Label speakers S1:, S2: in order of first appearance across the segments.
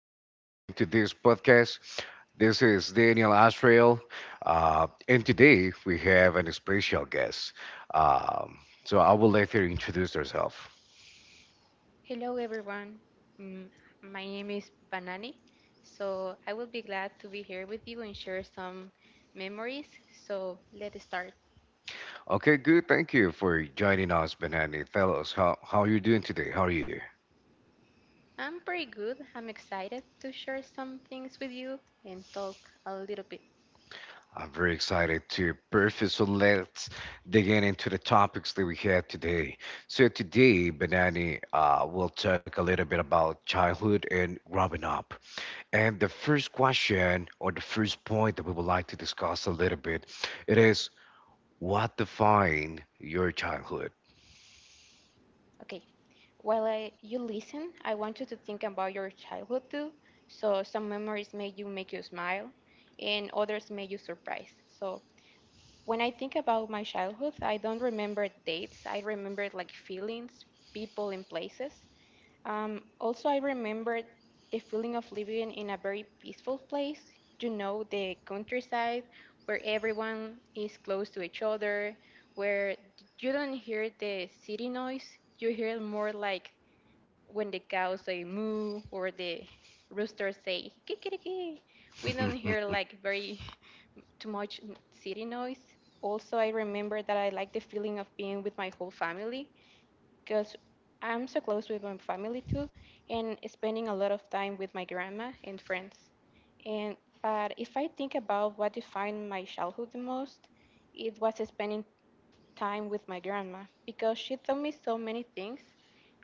S1: thank you for joining to this podcast. This is Daniel Asrael, and today we have an special guest. Um, so I will let her introduce herself.
S2: Hello, everyone. Mm, My name is Banani. So I will be glad to be here with you and share some memories. So let's start.
S1: Okay, good. Thank you for joining us, Benani. Tell us how you doing today. How are you?
S2: I'm pretty good. I'm excited to share some things with you and talk a little bit.
S1: I'm very excited to perfect. So let's dig in into the topics that we had today. So today, Benani, will talk a little bit about childhood and growing up. And the first question or the first point that we would like to discuss a little bit, it is what defined your childhood?
S2: Okay. While you listen, I want you to think about your childhood too. So some memories make you smile, and others make you surprised. So when I think about my childhood, I don't remember dates. I remember like feelings, people, and places. Also, I remember the feeling of living in a very peaceful place. The countryside where everyone is close to each other, where you don't hear the city noise. You hear more like when the cows say moo or the roosters say kikiriki. We don't hear like very too much city noise. Also, I remember that I like the feeling of being with my whole family because I'm so close with my family too, and spending a lot of time with my grandma and friends. And but if I think about what defined my childhood the most, it was spending time with my grandma because she taught me so many things.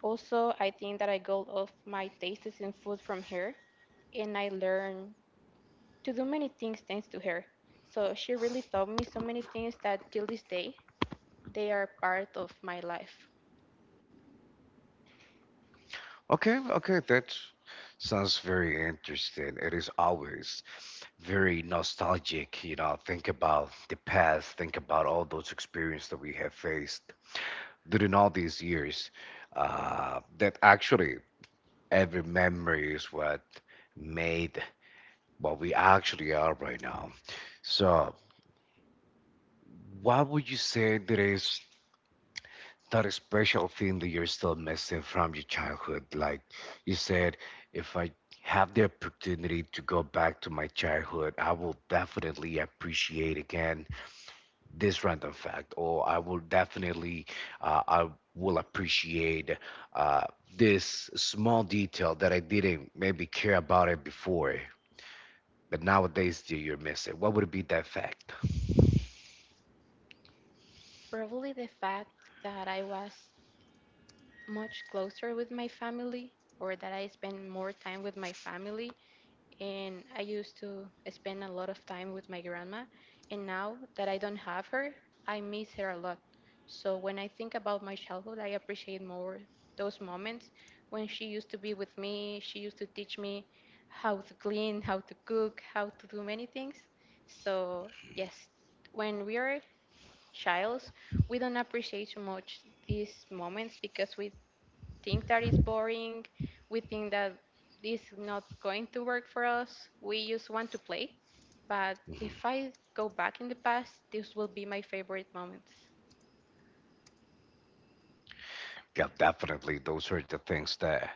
S2: Also, I think that I got off my tastes in food from her, and I learned to do many things thanks to her. So she really taught me so many things that till this day they are part of my life.
S1: Okay, okay, that sounds very interesting. It is always very nostalgic, think about the past, think about all those experiences that we have faced during all these years. That actually every memory is what made what we actually are right now. So what would you say there is that special thing that you're still missing from your childhood? Like you said, if I have the opportunity to go back to my childhood, I will definitely appreciate again this random fact, or I will I will appreciate uh, this small detail that I didn't maybe care about it before. But nowadays, that you're missing. What would be that fact?
S2: Probably the fact that I was much closer with my family or that I spend more time with my family and I used to spend a lot of time with my grandma. And now that I don't have her, I miss her a lot. So when I think about my childhood, I appreciate more those moments when she used to be with me. She used to teach me how to clean, how to cook, how to do many things. So, yes, when we are childs, we don't appreciate so much these moments because we think that is boring. We think that this is not going to work for us. We just want to play. But
S1: Mhm.
S2: if I go back in the past, this will be my favorite moments.
S1: Yeah, definitely. Those are the things that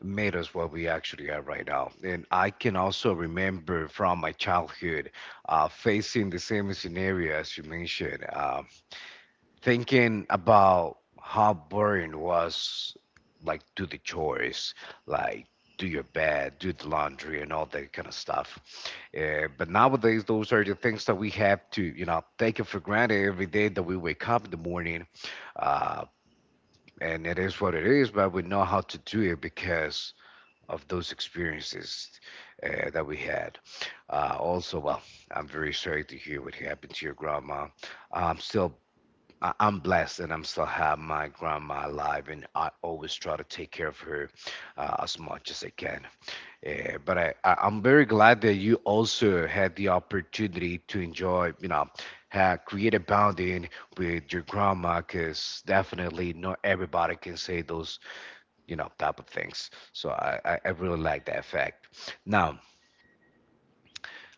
S1: made us what we actually are right now. And I can also remember from my childhood facing the same scenario as you mentioned, thinking about how boring it was like do the chores, like do your bed, do the laundry, and all that kind of stuff. But nowadays, those are the things that we have to, take it for granted every day that we wake up in the morning. Uh, and it is what it is, but we know how to do it because of those experiences that we had. Also, well, I'm very sorry to hear what happened to your grandma. I'm still, I'm blessed, and I'm still have my grandma alive, and I always try to take care of her as much as I can. But I'm very glad that you also had the opportunity to enjoy, you know, ha create a bonding with your grandma, because definitely not everybody can say those type of things. So I really like that fact. Now,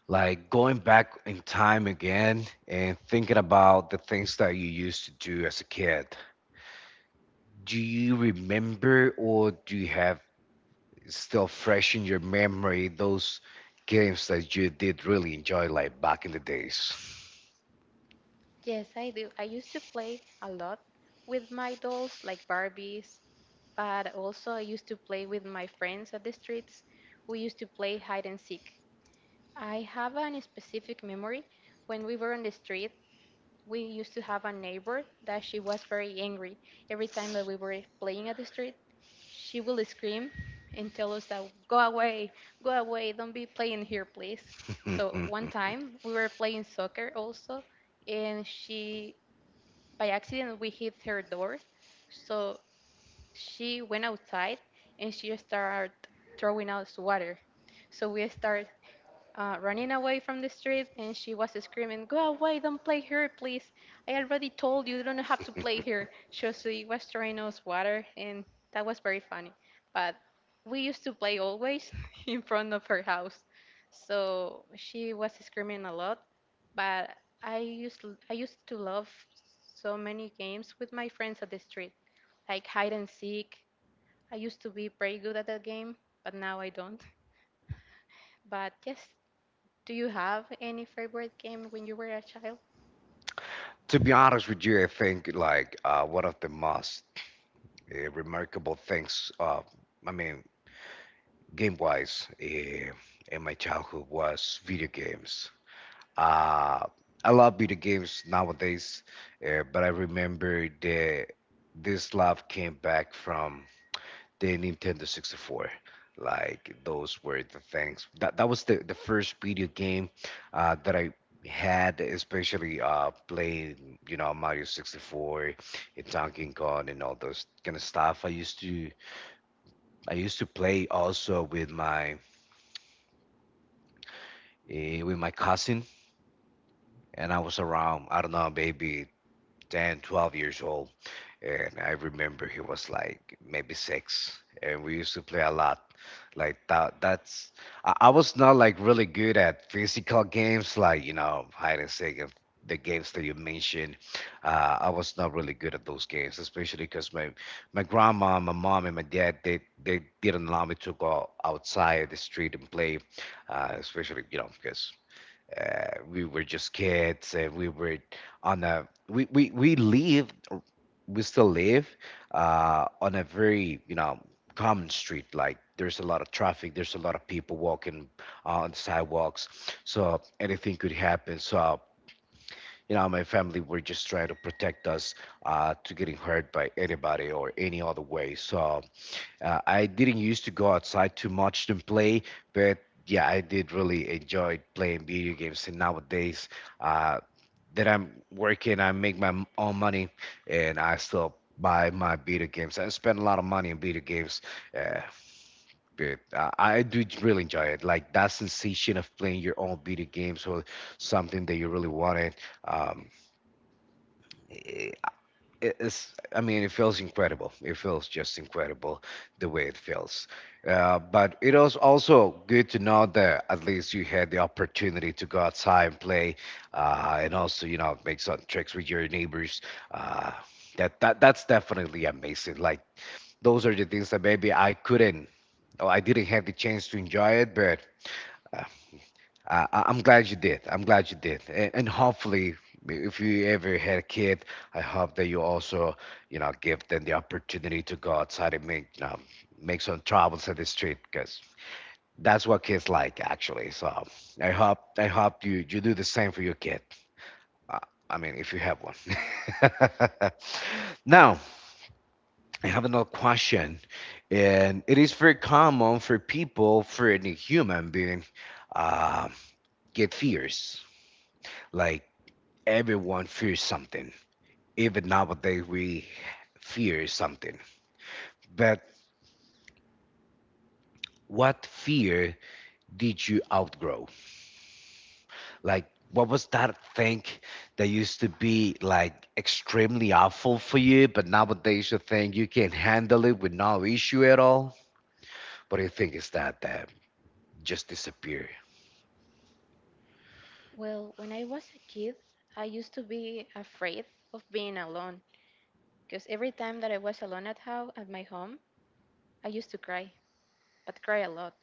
S1: like going back in time again and thinking about the things that you used to do as a kid, do you remember or do you have still fresh in your memory those games that you did really enjoy like back in the days?
S2: Yes, I do. I used to play a lot with my dolls, like Barbies, but also I used to play with my friends at the streets. We used to play hide and seek. I have an specific memory when we were on the street. We used to have a neighbor that she was very angry. Every time that we were playing at the street, she will scream and tell us that go away, don't be playing here, please. So one time we were playing soccer also, and she by accident we hit her door, so she went outside and she started throwing us water. So we started running away from the street and she was screaming, "Go away, don't play here, please. I already told you, you don't have to play here." So she was throwing us water, and that was very funny. But we used to play always in front of her house. So she was screaming a lot, but I used I used to love so many games with my friends at the street, like hide and seek. I used to be pretty good at that game, but now I don't. But yes, do you have any favorite game when you were a child?
S1: To be honest with you, I think like one of the most remarkable things, I mean game wise, in my childhood was video games. Uh, I love video games nowadays, but I remember the this love came back from the Nintendo 64. Like those were the things that was the first video game that I had, especially playing Mario 64 and Donkey Kong and all those kind of stuff. I used to play also with my cousin, and I was around, I don't know, maybe 10, 12 years old. And I remember he was like maybe 6, and we used to play a lot. Like that, that's, I was not like really good at physical games, like, hide and seek and the games that you mentioned. I was not really good at those games, especially because my grandma, my mom, and my dad, they didn't allow me to go outside the street and play especially because we were just kids. We were on a we still live on a very common street. Like there's a lot of traffic. There's a lot of people walking on the sidewalks. So anything could happen. So my family were just trying to protect us to getting hurt by anybody or any other way. So I didn't used to go outside too much to play, but yeah, I did really enjoy playing video games. And nowadays uh, that I'm working, I make my own money, and I still buy my video games. I spend a lot of money on video games. Uh, but uh, I do really enjoy it. Like that sensation of playing your own video games or something that you really wanted. Um, i- it's I mean, it feels incredible, it feels just incredible the way it feels. But it was also good to know that at least you had the opportunity to go outside and play, and also make some tricks with your neighbors. uh, That, that's definitely amazing. Like those are the things that maybe I couldn't or I didn't have the chance to enjoy it. But uh, I'm glad you did. I'm glad you did. And hopefully, if you ever had a kid, I hope that you also, you know, give them the opportunity to go outside and make some troubles in the street because that's what kids like, actually. So I hope you do the same for your kid. Uh, I mean, if you have one. Now, I have another question, and it is very common for people, for any human being, uh, get fears. Like everyone fears something. Even nowadays, we fear something. But what fear did you outgrow? Like, what was that thing that used to be like extremely awful for you, but nowadays you think you can handle it with no issue at all? What do you think is that that just disappear?
S2: Well, when I was a kid, I used to be afraid of being alone because every time that I was alone at my home, I used to cry, but cry a lot.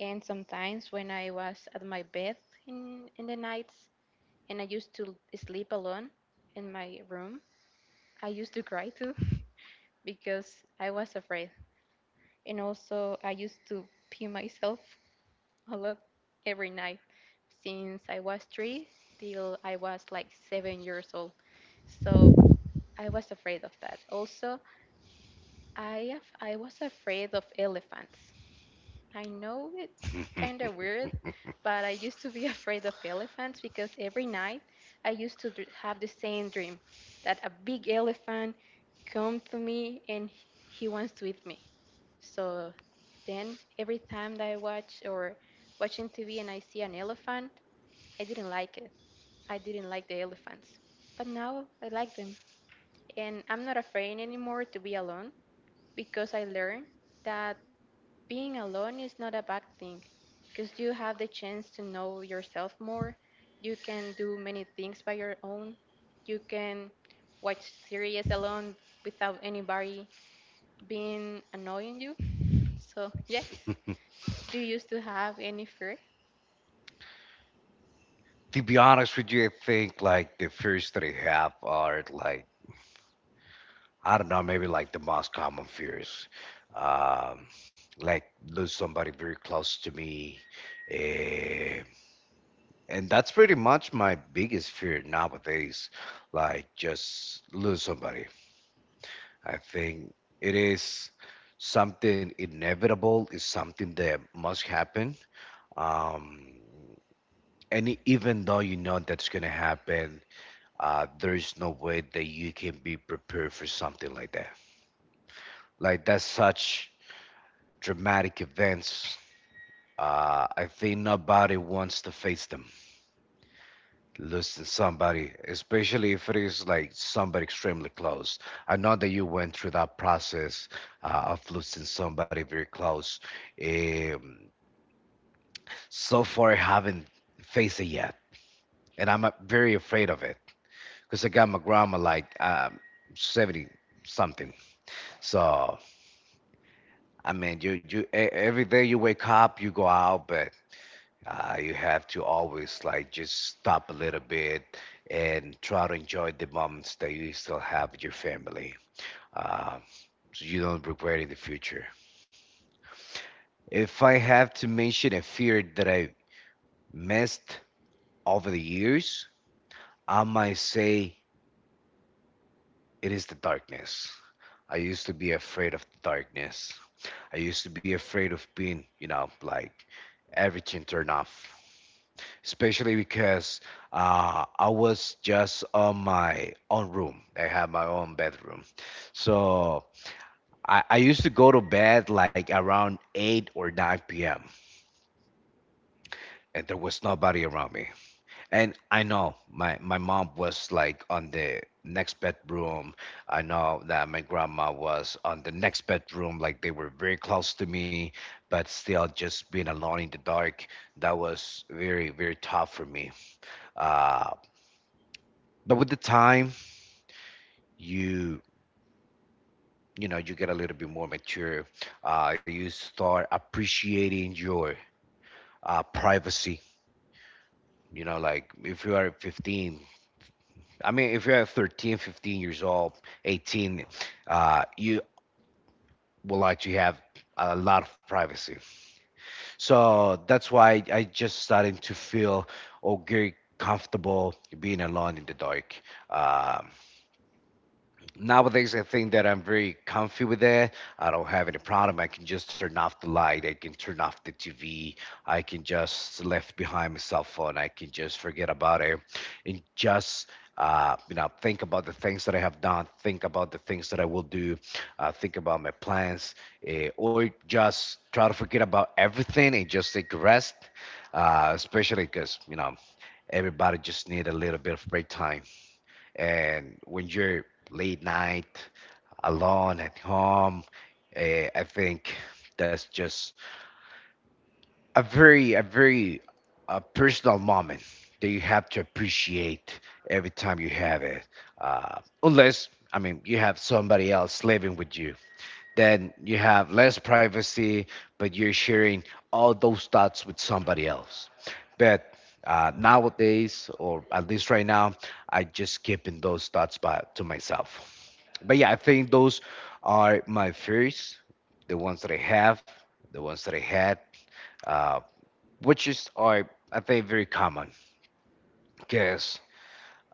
S2: And sometimes when I was at my bed in the nights and I used to sleep alone in my room, I used to cry too because I was afraid. And also I used to pee myself I love every night since I was three till I was like 7 years old. So I was afraid of that. Also, I was afraid of elephants. I know it's kind of weird, but I used to be afraid of elephants because every night I used to have the same dream that a big elephant come to me and he wants to eat me. So then every time that I watch or watching TV and I see an elephant, I didn't like it. I didn't like the elephants. But now I like them and I'm not afraid anymore to be alone because I learned that being alone is not a bad thing, because you have the chance to know yourself more. You can do many things by your own. You can watch series alone without anybody being annoying you. So, yes. Do you used to have any fear?
S1: To be honest with you, I think like the fears that I have are like, I don't know, maybe like the most common fears. Um, like lose somebody very close to me. eh, and that's pretty much my biggest fear nowadays. Like just lose somebody. I think it is something inevitable, it's something that must happen. Um, even though you know that's going to happen, there is no way that you can be prepared for something like that. Like that's such dramatic events, I think nobody wants to face them, losing somebody, especially if it is like somebody extremely close. I know that you went through that process of losing somebody very close. Um, so far, I haven't faced it yet, and I'm very afraid of it because I got my grandma like 70 something. So I mean, every day you wake up, you go out, but you have to always like just stop a little bit and try to enjoy the moments that you still have with your family. Uh, so you don't regret in the future. If I have to mention a fear that I missed over the years, I might say it is the darkness. I used to be afraid of the darkness. I used to be afraid of being, like everything turned off. Especially because I was just on my own room. I had my own bedroom, so I used to go to bed like around 8 or 9 p.m., and there was nobody around me. And I know my mom was like on the next bedroom. I know that my grandma was on the next bedroom, like they were very close to me, but still just being alone in the dark, that was very, very tough for me. Uh, but with the time, you you get a little bit more mature. You start appreciating your privacy. Like if you are 15, I mean if you're 13 15 years old, 18, you will like to have a lot of privacy. So that's why I just started to feel, oh, very comfortable being alone in the dark. Um Nowadays I think that I'm very comfy with that. I don't have any problem. I can just turn off the light. I can turn off the TV. I can just left behind my cell phone. I can just forget about it and just think about the things that I have done. Think about the things that I will do. Think about my plans, or just try to forget about everything and just take a rest. Especially because everybody just need a little bit of break time. And when you're late night, alone at home, uh, I think that's just a very personal moment that you have to appreciate every time you have it, uh, unless, I mean, you have somebody else living with you, then you have less privacy, but you're sharing all those thoughts with somebody else. But nowadays, or at least right now, I just keeping those thoughts by, to myself. But yeah, I think those are my fears, the ones that I have, the ones that I had, um, which is are, I think, very common, because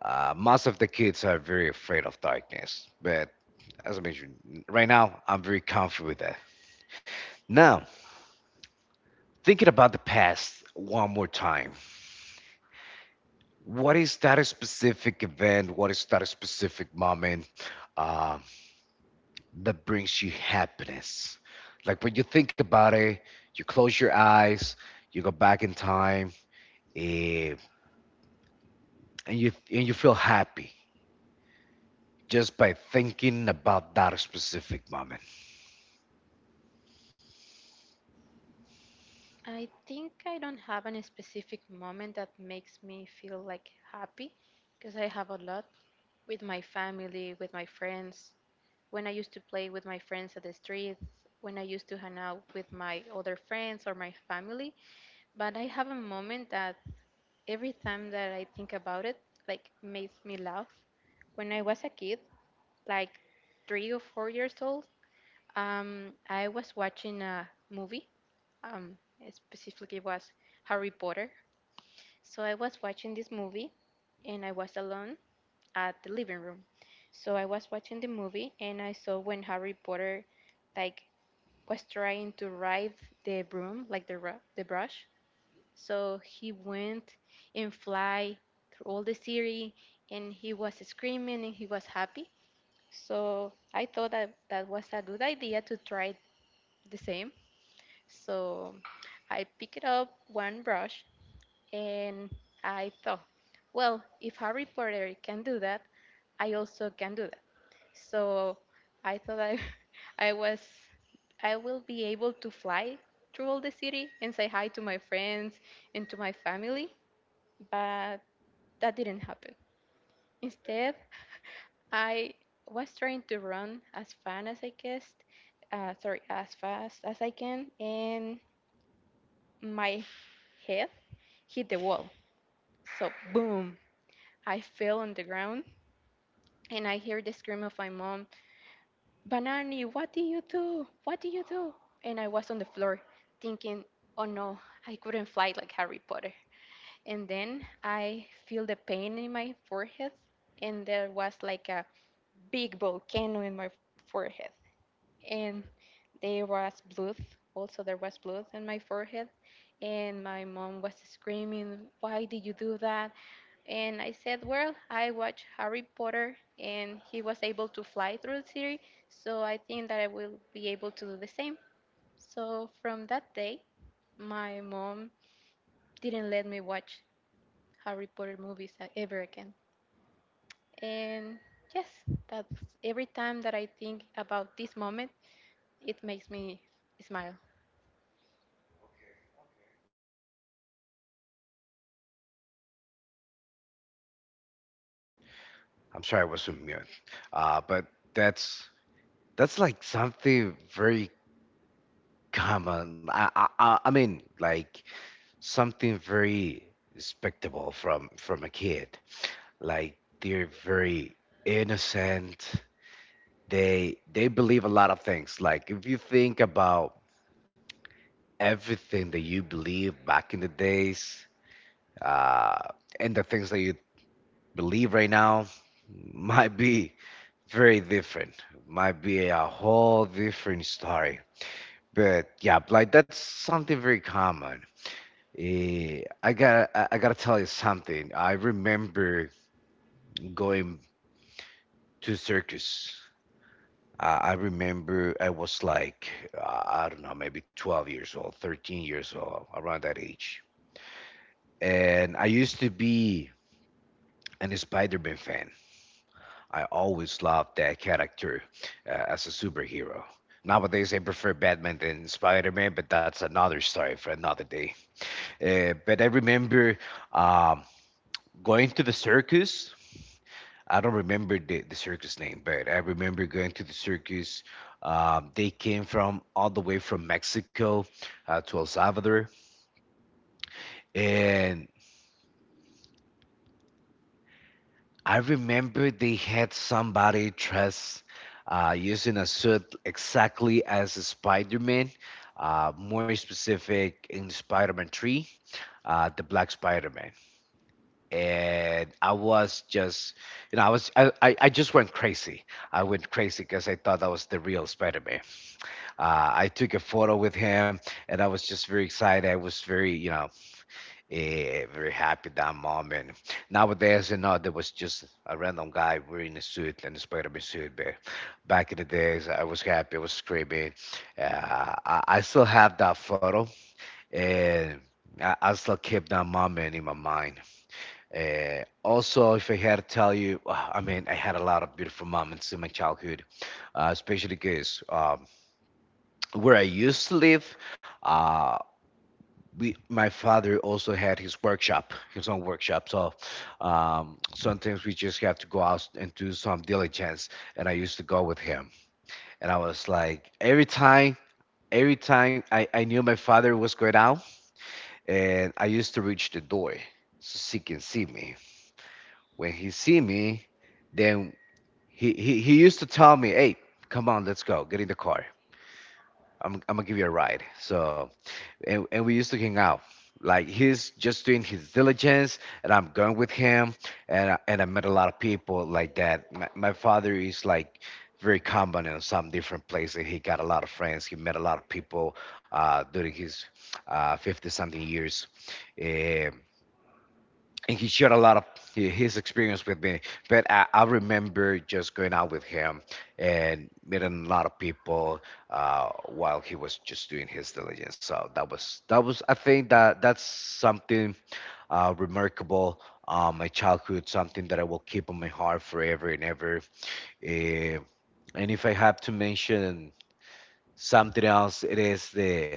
S1: most of the kids are very afraid of darkness. But as I mentioned, right now I'm very comfortable with that. Now, thinking about the past one more time, what is that specific event? What is that specific moment uh, that brings you happiness? Like when you think about it, you close your eyes, you go back in time, eh, and you feel happy. Just by thinking about that specific moment.
S2: I think I don't have any specific moment that makes me feel like happy because I have a lot with my family, with my friends, when I used to play with my friends at the streets, when I used to hang out with my other friends or my family. But I have a moment that every time that I think about it, like makes me laugh. When I was a kid, like 3 or 4 years old, I was watching a movie. It specifically was Harry Potter. So I was watching this movie and I was alone at the living room. So I was watching the movie and I saw when Harry Potter like was trying to ride the broom, like the the brush. So he went and fly through all the city, and he was screaming and he was happy. So I thought that that was a good idea to try the same. So I picked up one brush and I thought, well, if Harry Potter can do that, I also can do that. So I thought I was, I will be able to fly through all the city and say hi to my friends and to my family, but that didn't happen. Instead, I was trying to run as fast as I guessed, sorry, as fast as I can, and my head hit the wall. So boom, I fell on the ground, and I hear the scream of my mom, "Banani, what do you do? What do you do?" And I was on the floor thinking, oh no, I couldn't fly like Harry Potter. And then I feel the pain in my forehead, and there was like a big volcano in my forehead. And there was blood, also there was blood in my forehead. And my mom was screaming, "Why did you do that?" And I said, well, I watched Harry Potter and he was able to fly through the city, so I think that I will be able to do the same. So from that day, my mom didn't let me watch Harry Potter movies ever again. And yes, that's every time that I think about this moment, it makes me smile.
S1: I'm sorry, I was on mute, but that's that's like something very common. I mean, like something very respectable from a kid. Like they're very innocent. They believe a lot of things. Like if you think about everything that you believe back in the days, uh, and the things that you believe right now might be very different. Might be a whole different story. But yeah, like that's something very common. I gotta tell you something. I remember going to circus. I remember I was like, I don't know, maybe 12 years old, 13 years old, around that age. And I used to be an Spider-Man fan. I always loved that character as a superhero. Nowadays, I prefer Batman than Spider Man, but that's another story for another day. But I remember um, going to the circus. I don't remember the circus name, but I remember going to the circus. They came from all the way from Mexico to El Salvador, and I remember they had somebody dressed using a suit exactly as a Spider-Man, more specific in Spider-Man 3, the Black Spider-Man. And I was just, you know, I just went crazy. I went crazy because I thought that was the real Spider-Man. I took a photo with him, and I was just very excited. I was very, you know, very happy that moment. Nowadays, you know, there was just a random guy wearing a suit and a Spider-Man suit. But back in the days, I was happy. I was screaming. I still have that photo, and I still keep that moment in my mind. Also, if I had to tell you, I mean, I had a lot of beautiful moments in my childhood, especially because where I used to live. Uh, we My father also had his workshop, his own workshop. So sometimes we just have to go out and do some diligence, and I used to go with him. And I was like every time, every time I knew my father was going out, and I used to reach the door so he can see me. When he see me, then he used to tell me, hey, come on, let's go, get in the car. I'm gonna give you a ride. So, and we used to hang out. Like he's just doing his diligence, and I'm going with him, and I met a lot of people like that. My father is like very common in some different places. He got a lot of friends. He met a lot of people during his 50 something years. Eh, and he shared a lot of his experience with me. But I remember just going out with him and meeting a lot of people while he was just doing his diligence. So that was I think that's something remarkable. My childhood, something that I will keep on my heart forever and ever. Eh, and if I have to mention something else, it is the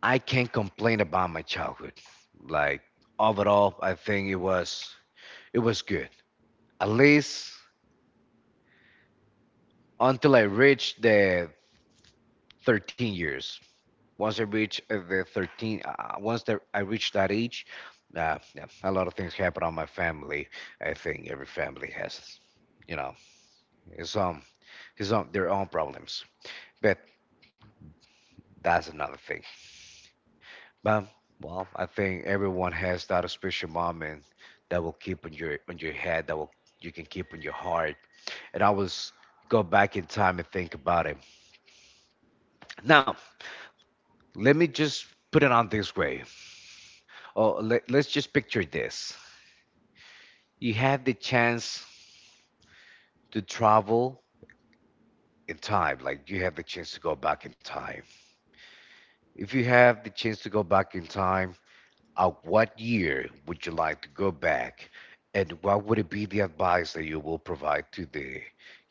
S1: I can't complain about my childhood. Like overall, I think it was good. At least until I reach the 13 years. Once I reach the 13, I reach that age, yeah, a lot of things happen on my family. I think every family has, you know, his own, their own problems. But that's another thing. But well, I think everyone has that special moment that will keep on your head, that will you can keep in your heart. And I was go back in time and think about it. Now, let me just put it on this way. Oh, let's just picture this. You have the chance to travel in time, like you have the chance to go back in time. If you have the chance to go back in time, at what year would you like to go back? And what would it be the advice that you will provide to the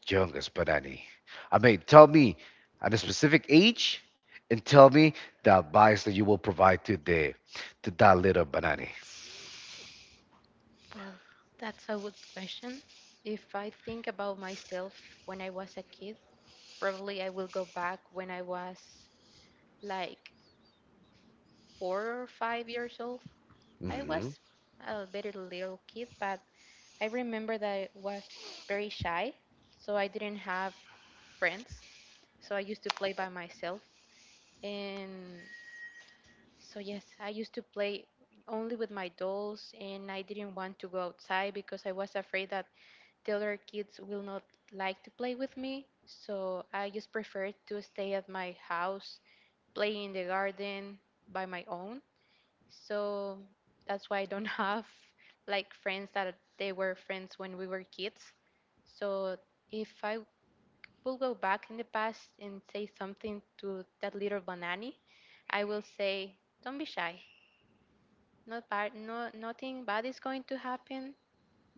S1: youngest Panani? I mean, tell me at a specific age and tell me the advice that you will provide to the to that little banani.
S2: Well, that's a good question. If I think about myself when I was a kid, probably I will go back when I was like 4 or 5 years old. I
S1: Hmm.
S2: was a very little kid, but I remember that I was very shy, so I didn't have friends. So I used to play by myself. And so, yes, I used to play only with my dolls, and I didn't want to go outside because I was afraid that the other kids will not like to play with me. So I just preferred to stay at my house, play in the garden by my own, so that's why I don't have like friends that they were friends when we were kids. So if I will go back in the past and say something to that little Banani, I will say, "Don't be shy. Not bad. No, nothing bad is going to happen.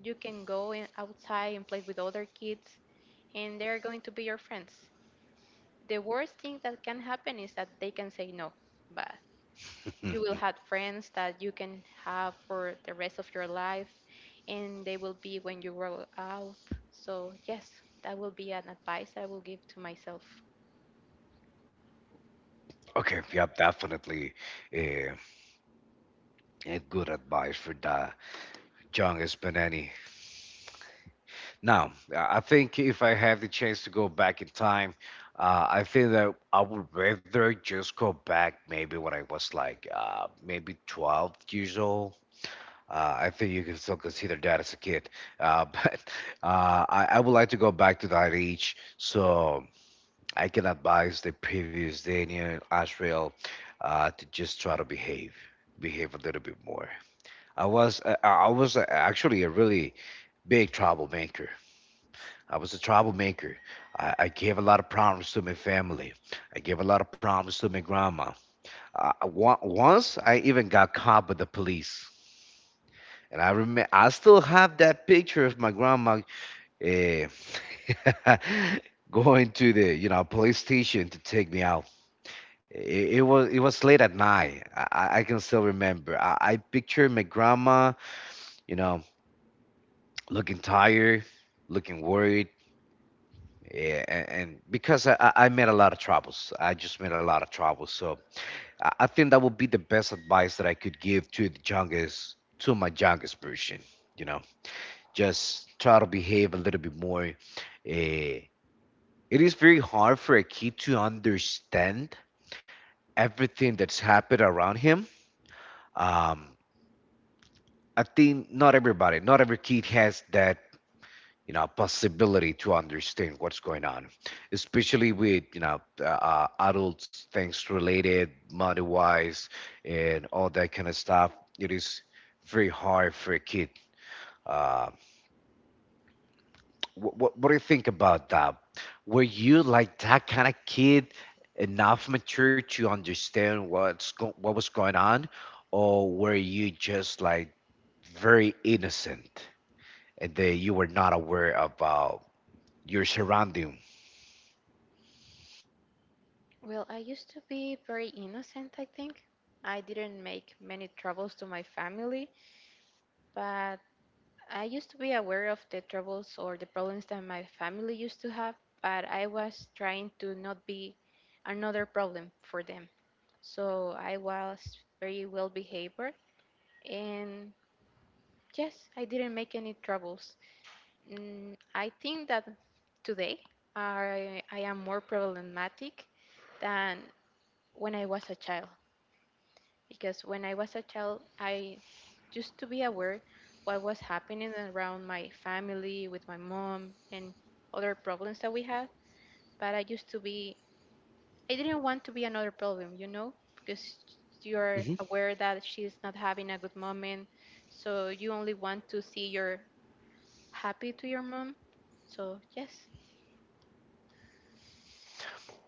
S2: You can outside and play with other kids, and they're going to be your friends. The worst thing that can happen is that they can say no, but you will have friends that you can have for the rest of your life and they will be when you grow out. So yes, that will be an advice I will give to myself.
S1: Okay, yep, definitely a, a good advice for the John Espanani. Now, I think if I have the chance to go back in time, I think that I would rather just go back maybe when I was like maybe 12 years old. I think you can still consider that as a kid, but I would like to go back to that age, so I can advise the previous Daniel Ashrael to just try to behave, behave a little bit more. I was actually a really big troublemaker. I was a troublemaker. I gave a lot of problems to my family. I gave a lot of problems to my grandma. Once I even got caught by the police. And I remember, I still have that picture of my grandma uh, going to the, you know, police station to take me out. It was late at night. I can still remember. I picture my grandma, you know, looking tired, looking worried, yeah, and because I made a lot of troubles. I just made a lot of troubles. So I think that would be the best advice that I could give to the youngest, to my youngest version. You know, just try to behave a little bit more. Uh, it is very hard for a kid to understand everything that's happened around him. Um, I think not everybody, not every kid has that, you know, possibility to understand what's going on, especially with, you know, adults, things related, money wise, and all that kind of stuff. It is very hard for a kid. Uh, what do you think about that? Were you like that kind of kid, enough mature to understand what was going on, or were you just like very innocent and that you were not aware about your surrounding?
S2: Well, I used to be very innocent. I think I didn't make many troubles to my family, but I used to be aware of the troubles or the problems that my family used to have, but I was trying to not be another problem for them, so I was very well behaved. And yes, I didn't make any troubles. I think that today I am more problematic than when I was a child, because when I was a child, I used to be aware what was happening around my family with my mom and other problems that we had, but I didn't want to be another problem, you know, because you're
S1: Hmm.
S2: aware that she's not having a good moment, so you only want to see your happy to your mom? So, yes.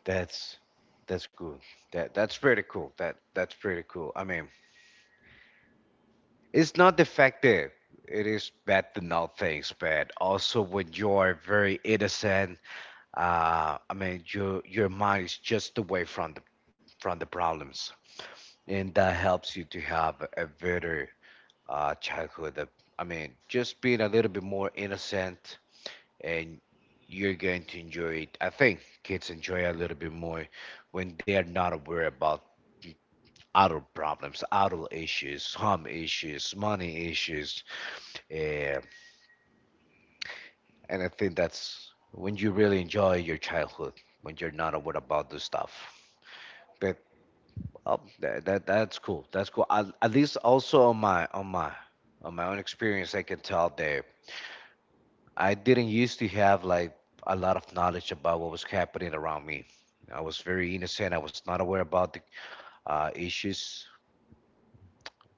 S1: That's that's good. That's pretty cool. That's pretty cool. I mean, it's not the fact that it is bad to know things, but also when you are very innocent, I mean, your mind is just away from the problems, and that helps you to have a better childhood. I mean, just being a little bit more innocent and you're going to enjoy it. I think kids enjoy a little bit more when they're not aware about adult problems, adult issues, home issues, money issues. eh, and I think that's when you really enjoy your childhood, when you're not aware about this stuff. But that's cool. That's cool. At least also on my own experience, I can tell that I didn't used to have like a lot of knowledge about what was happening around me. I was very innocent. I was not aware about the issues.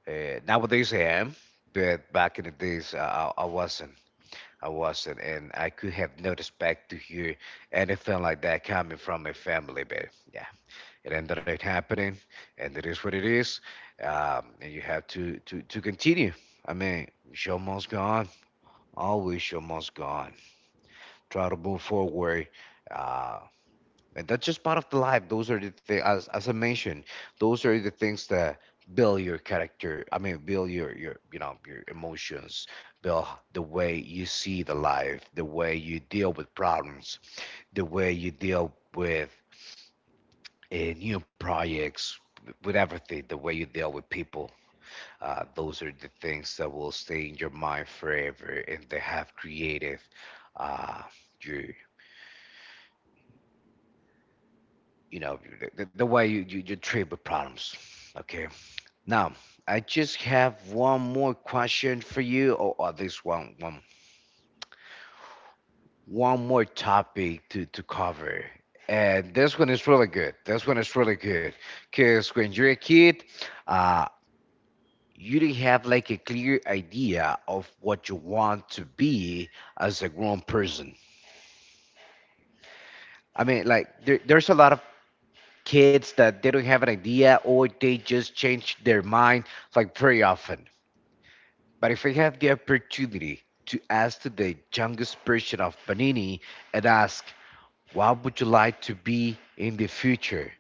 S1: Nowadays I am, but back in the days I wasn't. I wasn't, and I could have no respect to hear anything like that coming from my family. But yeah, it ended up happening, and it is what it is. And you have to to continue. I mean, show must go on. Always show must go on. Try to move forward. Uh, and that's just part of the life. Those are the things, as I mentioned, those are the things that build your character. I mean, build your, you know, your emotions, build the way you see the life, the way you deal with problems, the way you deal with new projects, with everything, the way you deal with people. Those are the things that will stay in your mind forever, and they have created uh, your you know the way you treat with problems. Okay, now I just have one more question for you, or this one, one more topic to cover, and this one is really good. This one is really good because when you're a kid, uh you didn't have like a clear idea of what you want to be as a grown person. I mean, like there's a lot of kids that they don't have an idea, or they just change their mind like very often. But if I had the opportunity to ask to the youngest version of Panini and ask, what would you like to be in the future?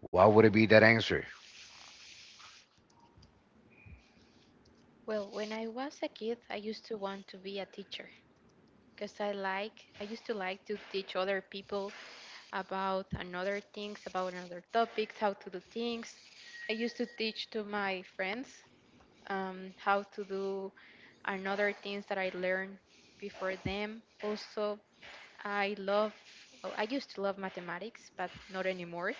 S1: What would it be that answer?
S2: Well, when I was a kid, I used to want to be a teacher because I used to like to teach other people about another things, about another topics, how to do things. I used to teach to my friends how to do another things that I learned before them. Also, I love well, I used to love mathematics, but not anymore.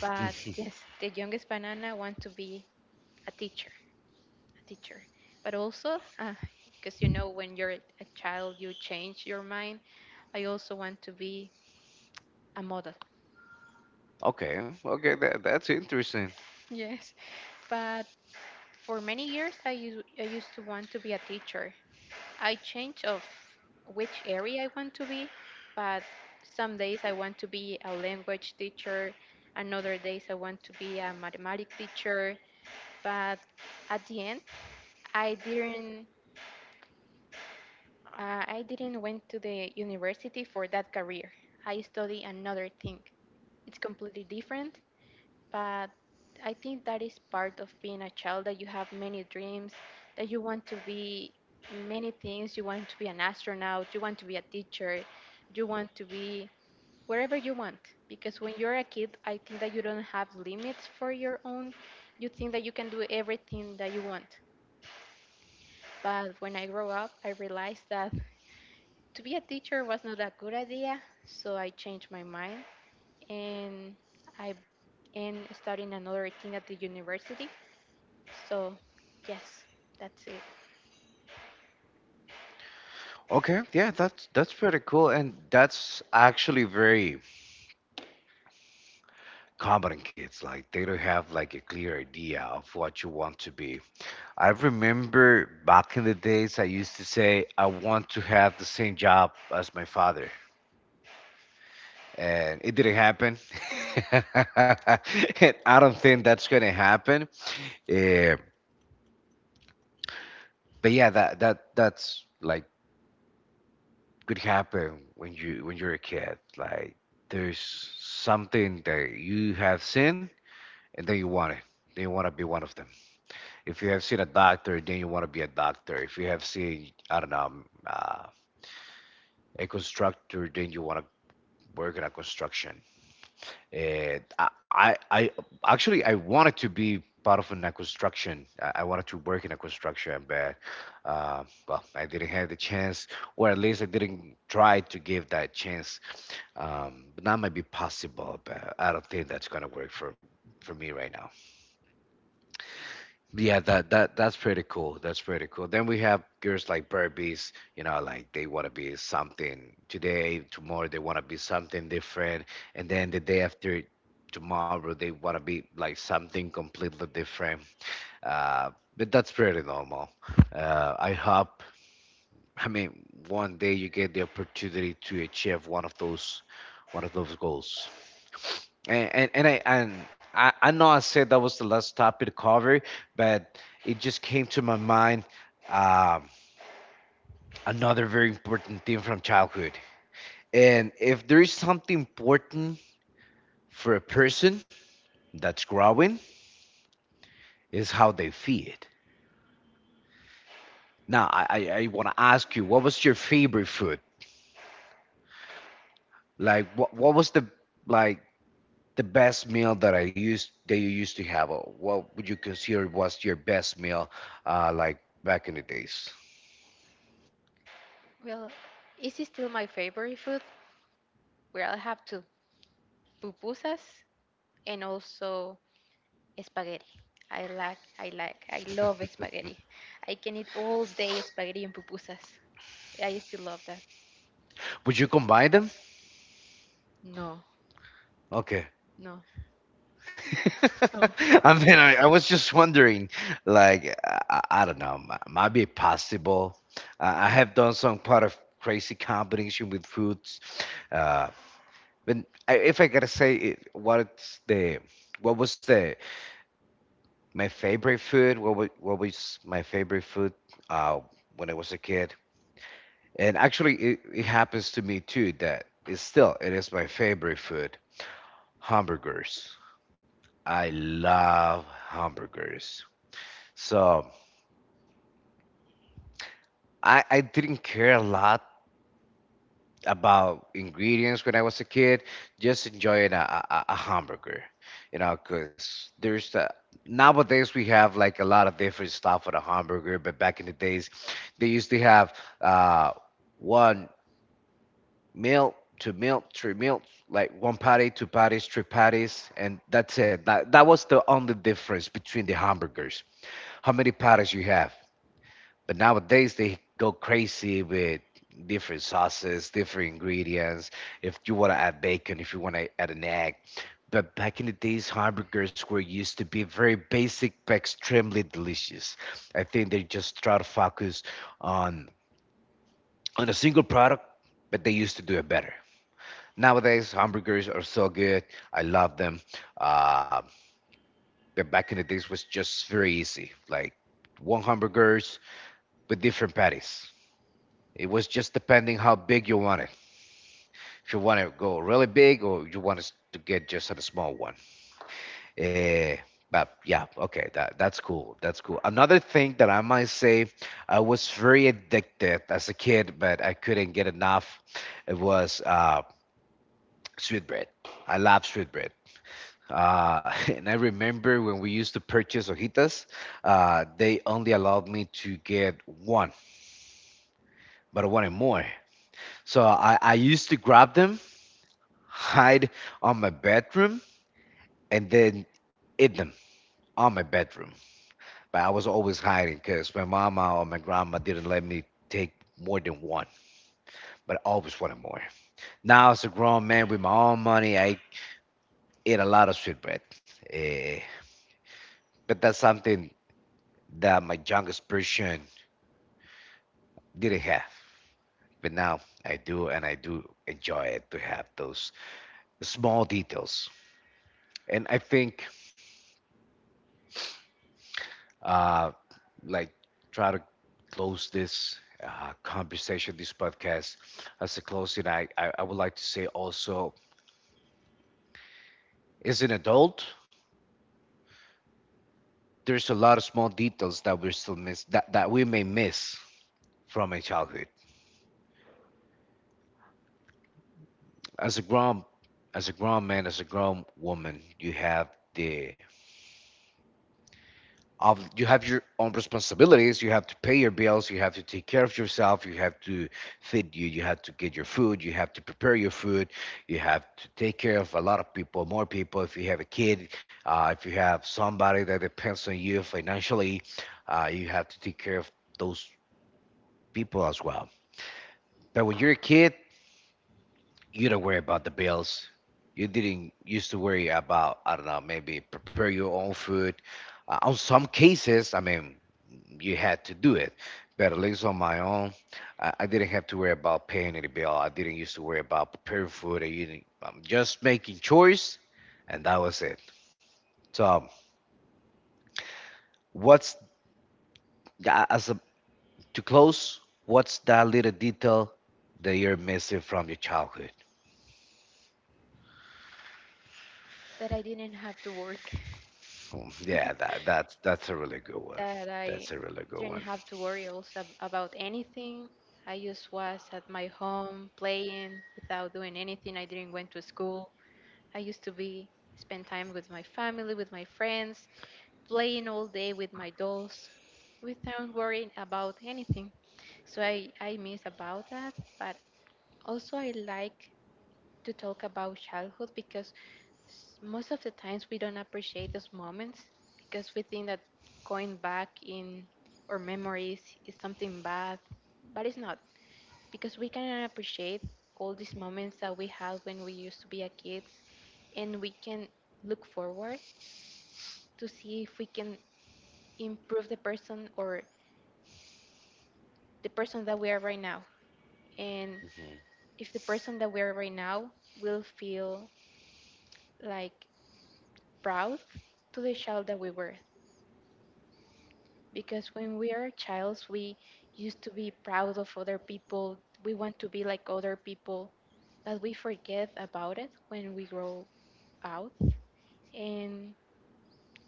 S2: But yes, the youngest banana want to be a teacher. A teacher. But also, because you know, when you're a child, you change your mind. I also want to be a model.
S1: Okay, okay, that's interesting.
S2: Yes. But for many years, I used to want to be a teacher. I change of which area I want to be, but some days I want to be a language teacher. Another days I want to be a mathematics teacher. But at the end, I didn't I didn't went to the university for that career. I study another thing. It's completely different, but I think that is part of being a child, that you have many dreams, that you want to be many things. You want to be an astronaut, you want to be a teacher, you want to be wherever you want. Because when you're a kid, I think that you don't have limits for your own. You think that you can do everything that you want. But when I grow up, I realized that to be a teacher was not a good idea, so I changed my mind and I am studying another thing at the university. So, yes, that's it.
S1: Okay, yeah, that's pretty cool, and that's actually very common in kids. Like they don't have like a clear idea of what you want to be. I remember back in the days, I used to say I want to have the same job as my father, and it didn't happen. And I don't think that's gonna happen. Uh, but yeah, that's like could happen when you when you're a kid. Like there's something that you have seen, and then you want it. Then you want to be one of them. If you have seen a doctor, then you want to be a doctor. If you have seen, I don't know, a constructor, then you want to work in a construction. Uh, I actually I wanted to be part of an, construction. I wanted to work in a construction, but well, I didn't have the chance, or at least I didn't try to give that chance. But that might be possible, but I don't think that's gonna work for me right now. Yeah, that's pretty cool. That's pretty cool. Then we have girls like Barbies, you know, like they want to be something today, tomorrow they want to be something different, and then the day after tomorrow they want to be like something completely different. But that's pretty normal. I hope, I mean, one day you get the opportunity to achieve one of those goals. And I know I said that was the last topic to cover, but it just came to my mind um, another very important thing from childhood. And if there is something important for a person that's growing, is how they feed. Now I want to ask you, what was your favorite food? Like what was the like the best meal that I used that you used to have? Or what would you consider was your best meal, like back in the days?
S2: Well, is it still my favorite food? Well, I have two pupusas and also spaghetti. I love spaghetti. I can eat all day spaghetti and pupusas. I still love that.
S1: Would you combine them?
S2: No,
S1: Okay.
S2: no, oh,
S1: I mean, I was just wondering, like, I don't know, might be possible. I have done some part of crazy combination with foods. Uh, if I gotta say, what was the my favorite food? What was my favorite food uh, when I was a kid? And actually, it happens to me too that it's still it is my favorite food, hamburgers. I love hamburgers. So I didn't care a lot about ingredients when I was a kid, just enjoying a hamburger, you know, because nowadays we have like a lot of different stuff for the hamburger, but back in the days they used to have uh, one meal, two meal, three meals, like one patty, two patties, three patties, and that's it. That was the only difference between the hamburgers. How many patties you have? But nowadays they go crazy with different sauces, different ingredients. If you want to add bacon, if you want to add an egg. But back in the days, hamburgers were used to be very basic but extremely delicious. I think they just try to focus on a single product, but they used to do it better. Nowadays, hamburgers are so good. I love them. Uh, but back in the days was just very easy, like one hamburgers with different patties. It was just depending how big you want it. If you want to go really big, or you want to get just a small one. Eh, but yeah, okay, that's cool. That's cool. Another thing that I might say, I was very addicted as a kid, but I couldn't get enough. It was sweet bread. I love sweet bread. And I remember when we used to purchase hojitas, they only allowed me to get one, but I wanted more. So I used to grab them, hide on my bedroom, and then eat them on my bedroom. But I was always hiding because my mama or my grandma didn't let me take more than one, but I always wanted more. Now, as a grown man with my own money, I eat a lot of sweetbread. Eh, but that's something that my youngest person didn't have. But now I do, and I do enjoy it to have those small details. And I think uh, like try to close this conversation, this podcast. As a closing, I would like to say also, as an adult, there's a lot of small details that we're still miss that, that we may miss from a childhood. As a grown as a grown man, as a grown woman, you have the of you have your own responsibilities. You have to pay your bills. You have to take care of yourself. You have to feed you. You have to get your food. You have to prepare your food. You have to take care of a lot of people, more people if you have a kid. If you have somebody that depends on you financially, you have to take care of those people as well. But when you're a kid, you don't worry about the bills. You didn't used to worry about, I don't know, maybe prepare your own food. On some cases, I mean, you had to do it. But at least on my own, I didn't have to worry about paying any bill. I didn't used to worry about preparing food. I didn't, I'm just making chores, and that was it. So, what's as a, to close? What's that little detail that you're missing from your childhood?
S2: that I didn't have to work.
S1: Boom. Yeah, that that's that's a really good one.
S2: That I
S1: That's a really good
S2: didn't
S1: one.
S2: have to worry also about anything. I just was at my home playing without doing anything. I didn't went to school. I used to be spend time with my family, with my friends, playing all day with my dolls without worrying about anything. So I miss about that, but also I like to talk about childhood because most of the times we don't appreciate those moments, because we think that going back in our memories is something bad, but it's not, because we can appreciate all these moments that we had when we used to be a kids, and we can look forward to see if we can improve the person or the person that we are right now, and if the person that we are right now will feel like proud to the child that we were, because when we are childs, we used to be proud of other people. We want to be like other people, but we forget about it when we grow out. And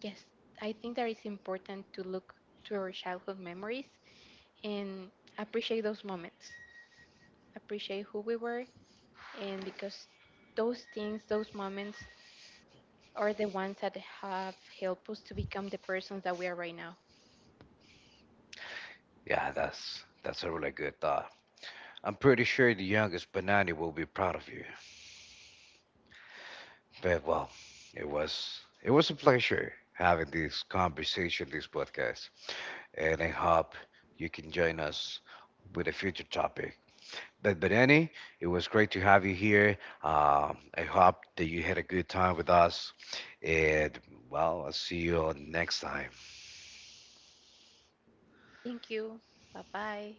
S2: yes, I think that it's important to look to our childhood memories and appreciate those moments, appreciate who we were, and because those things, those moments are the ones that have helped us to become the persons that we are right now.
S1: Yeah, that's a really good thought. I'm pretty sure the youngest Banani will be proud of you. But well, it was a pleasure having this conversation, this podcast, and I hope you can join us with a future topic. But Banani, it was great to have you here. I hope that you had a good time with us, and well, I'll see you all next time.
S2: Thank you. Bye bye.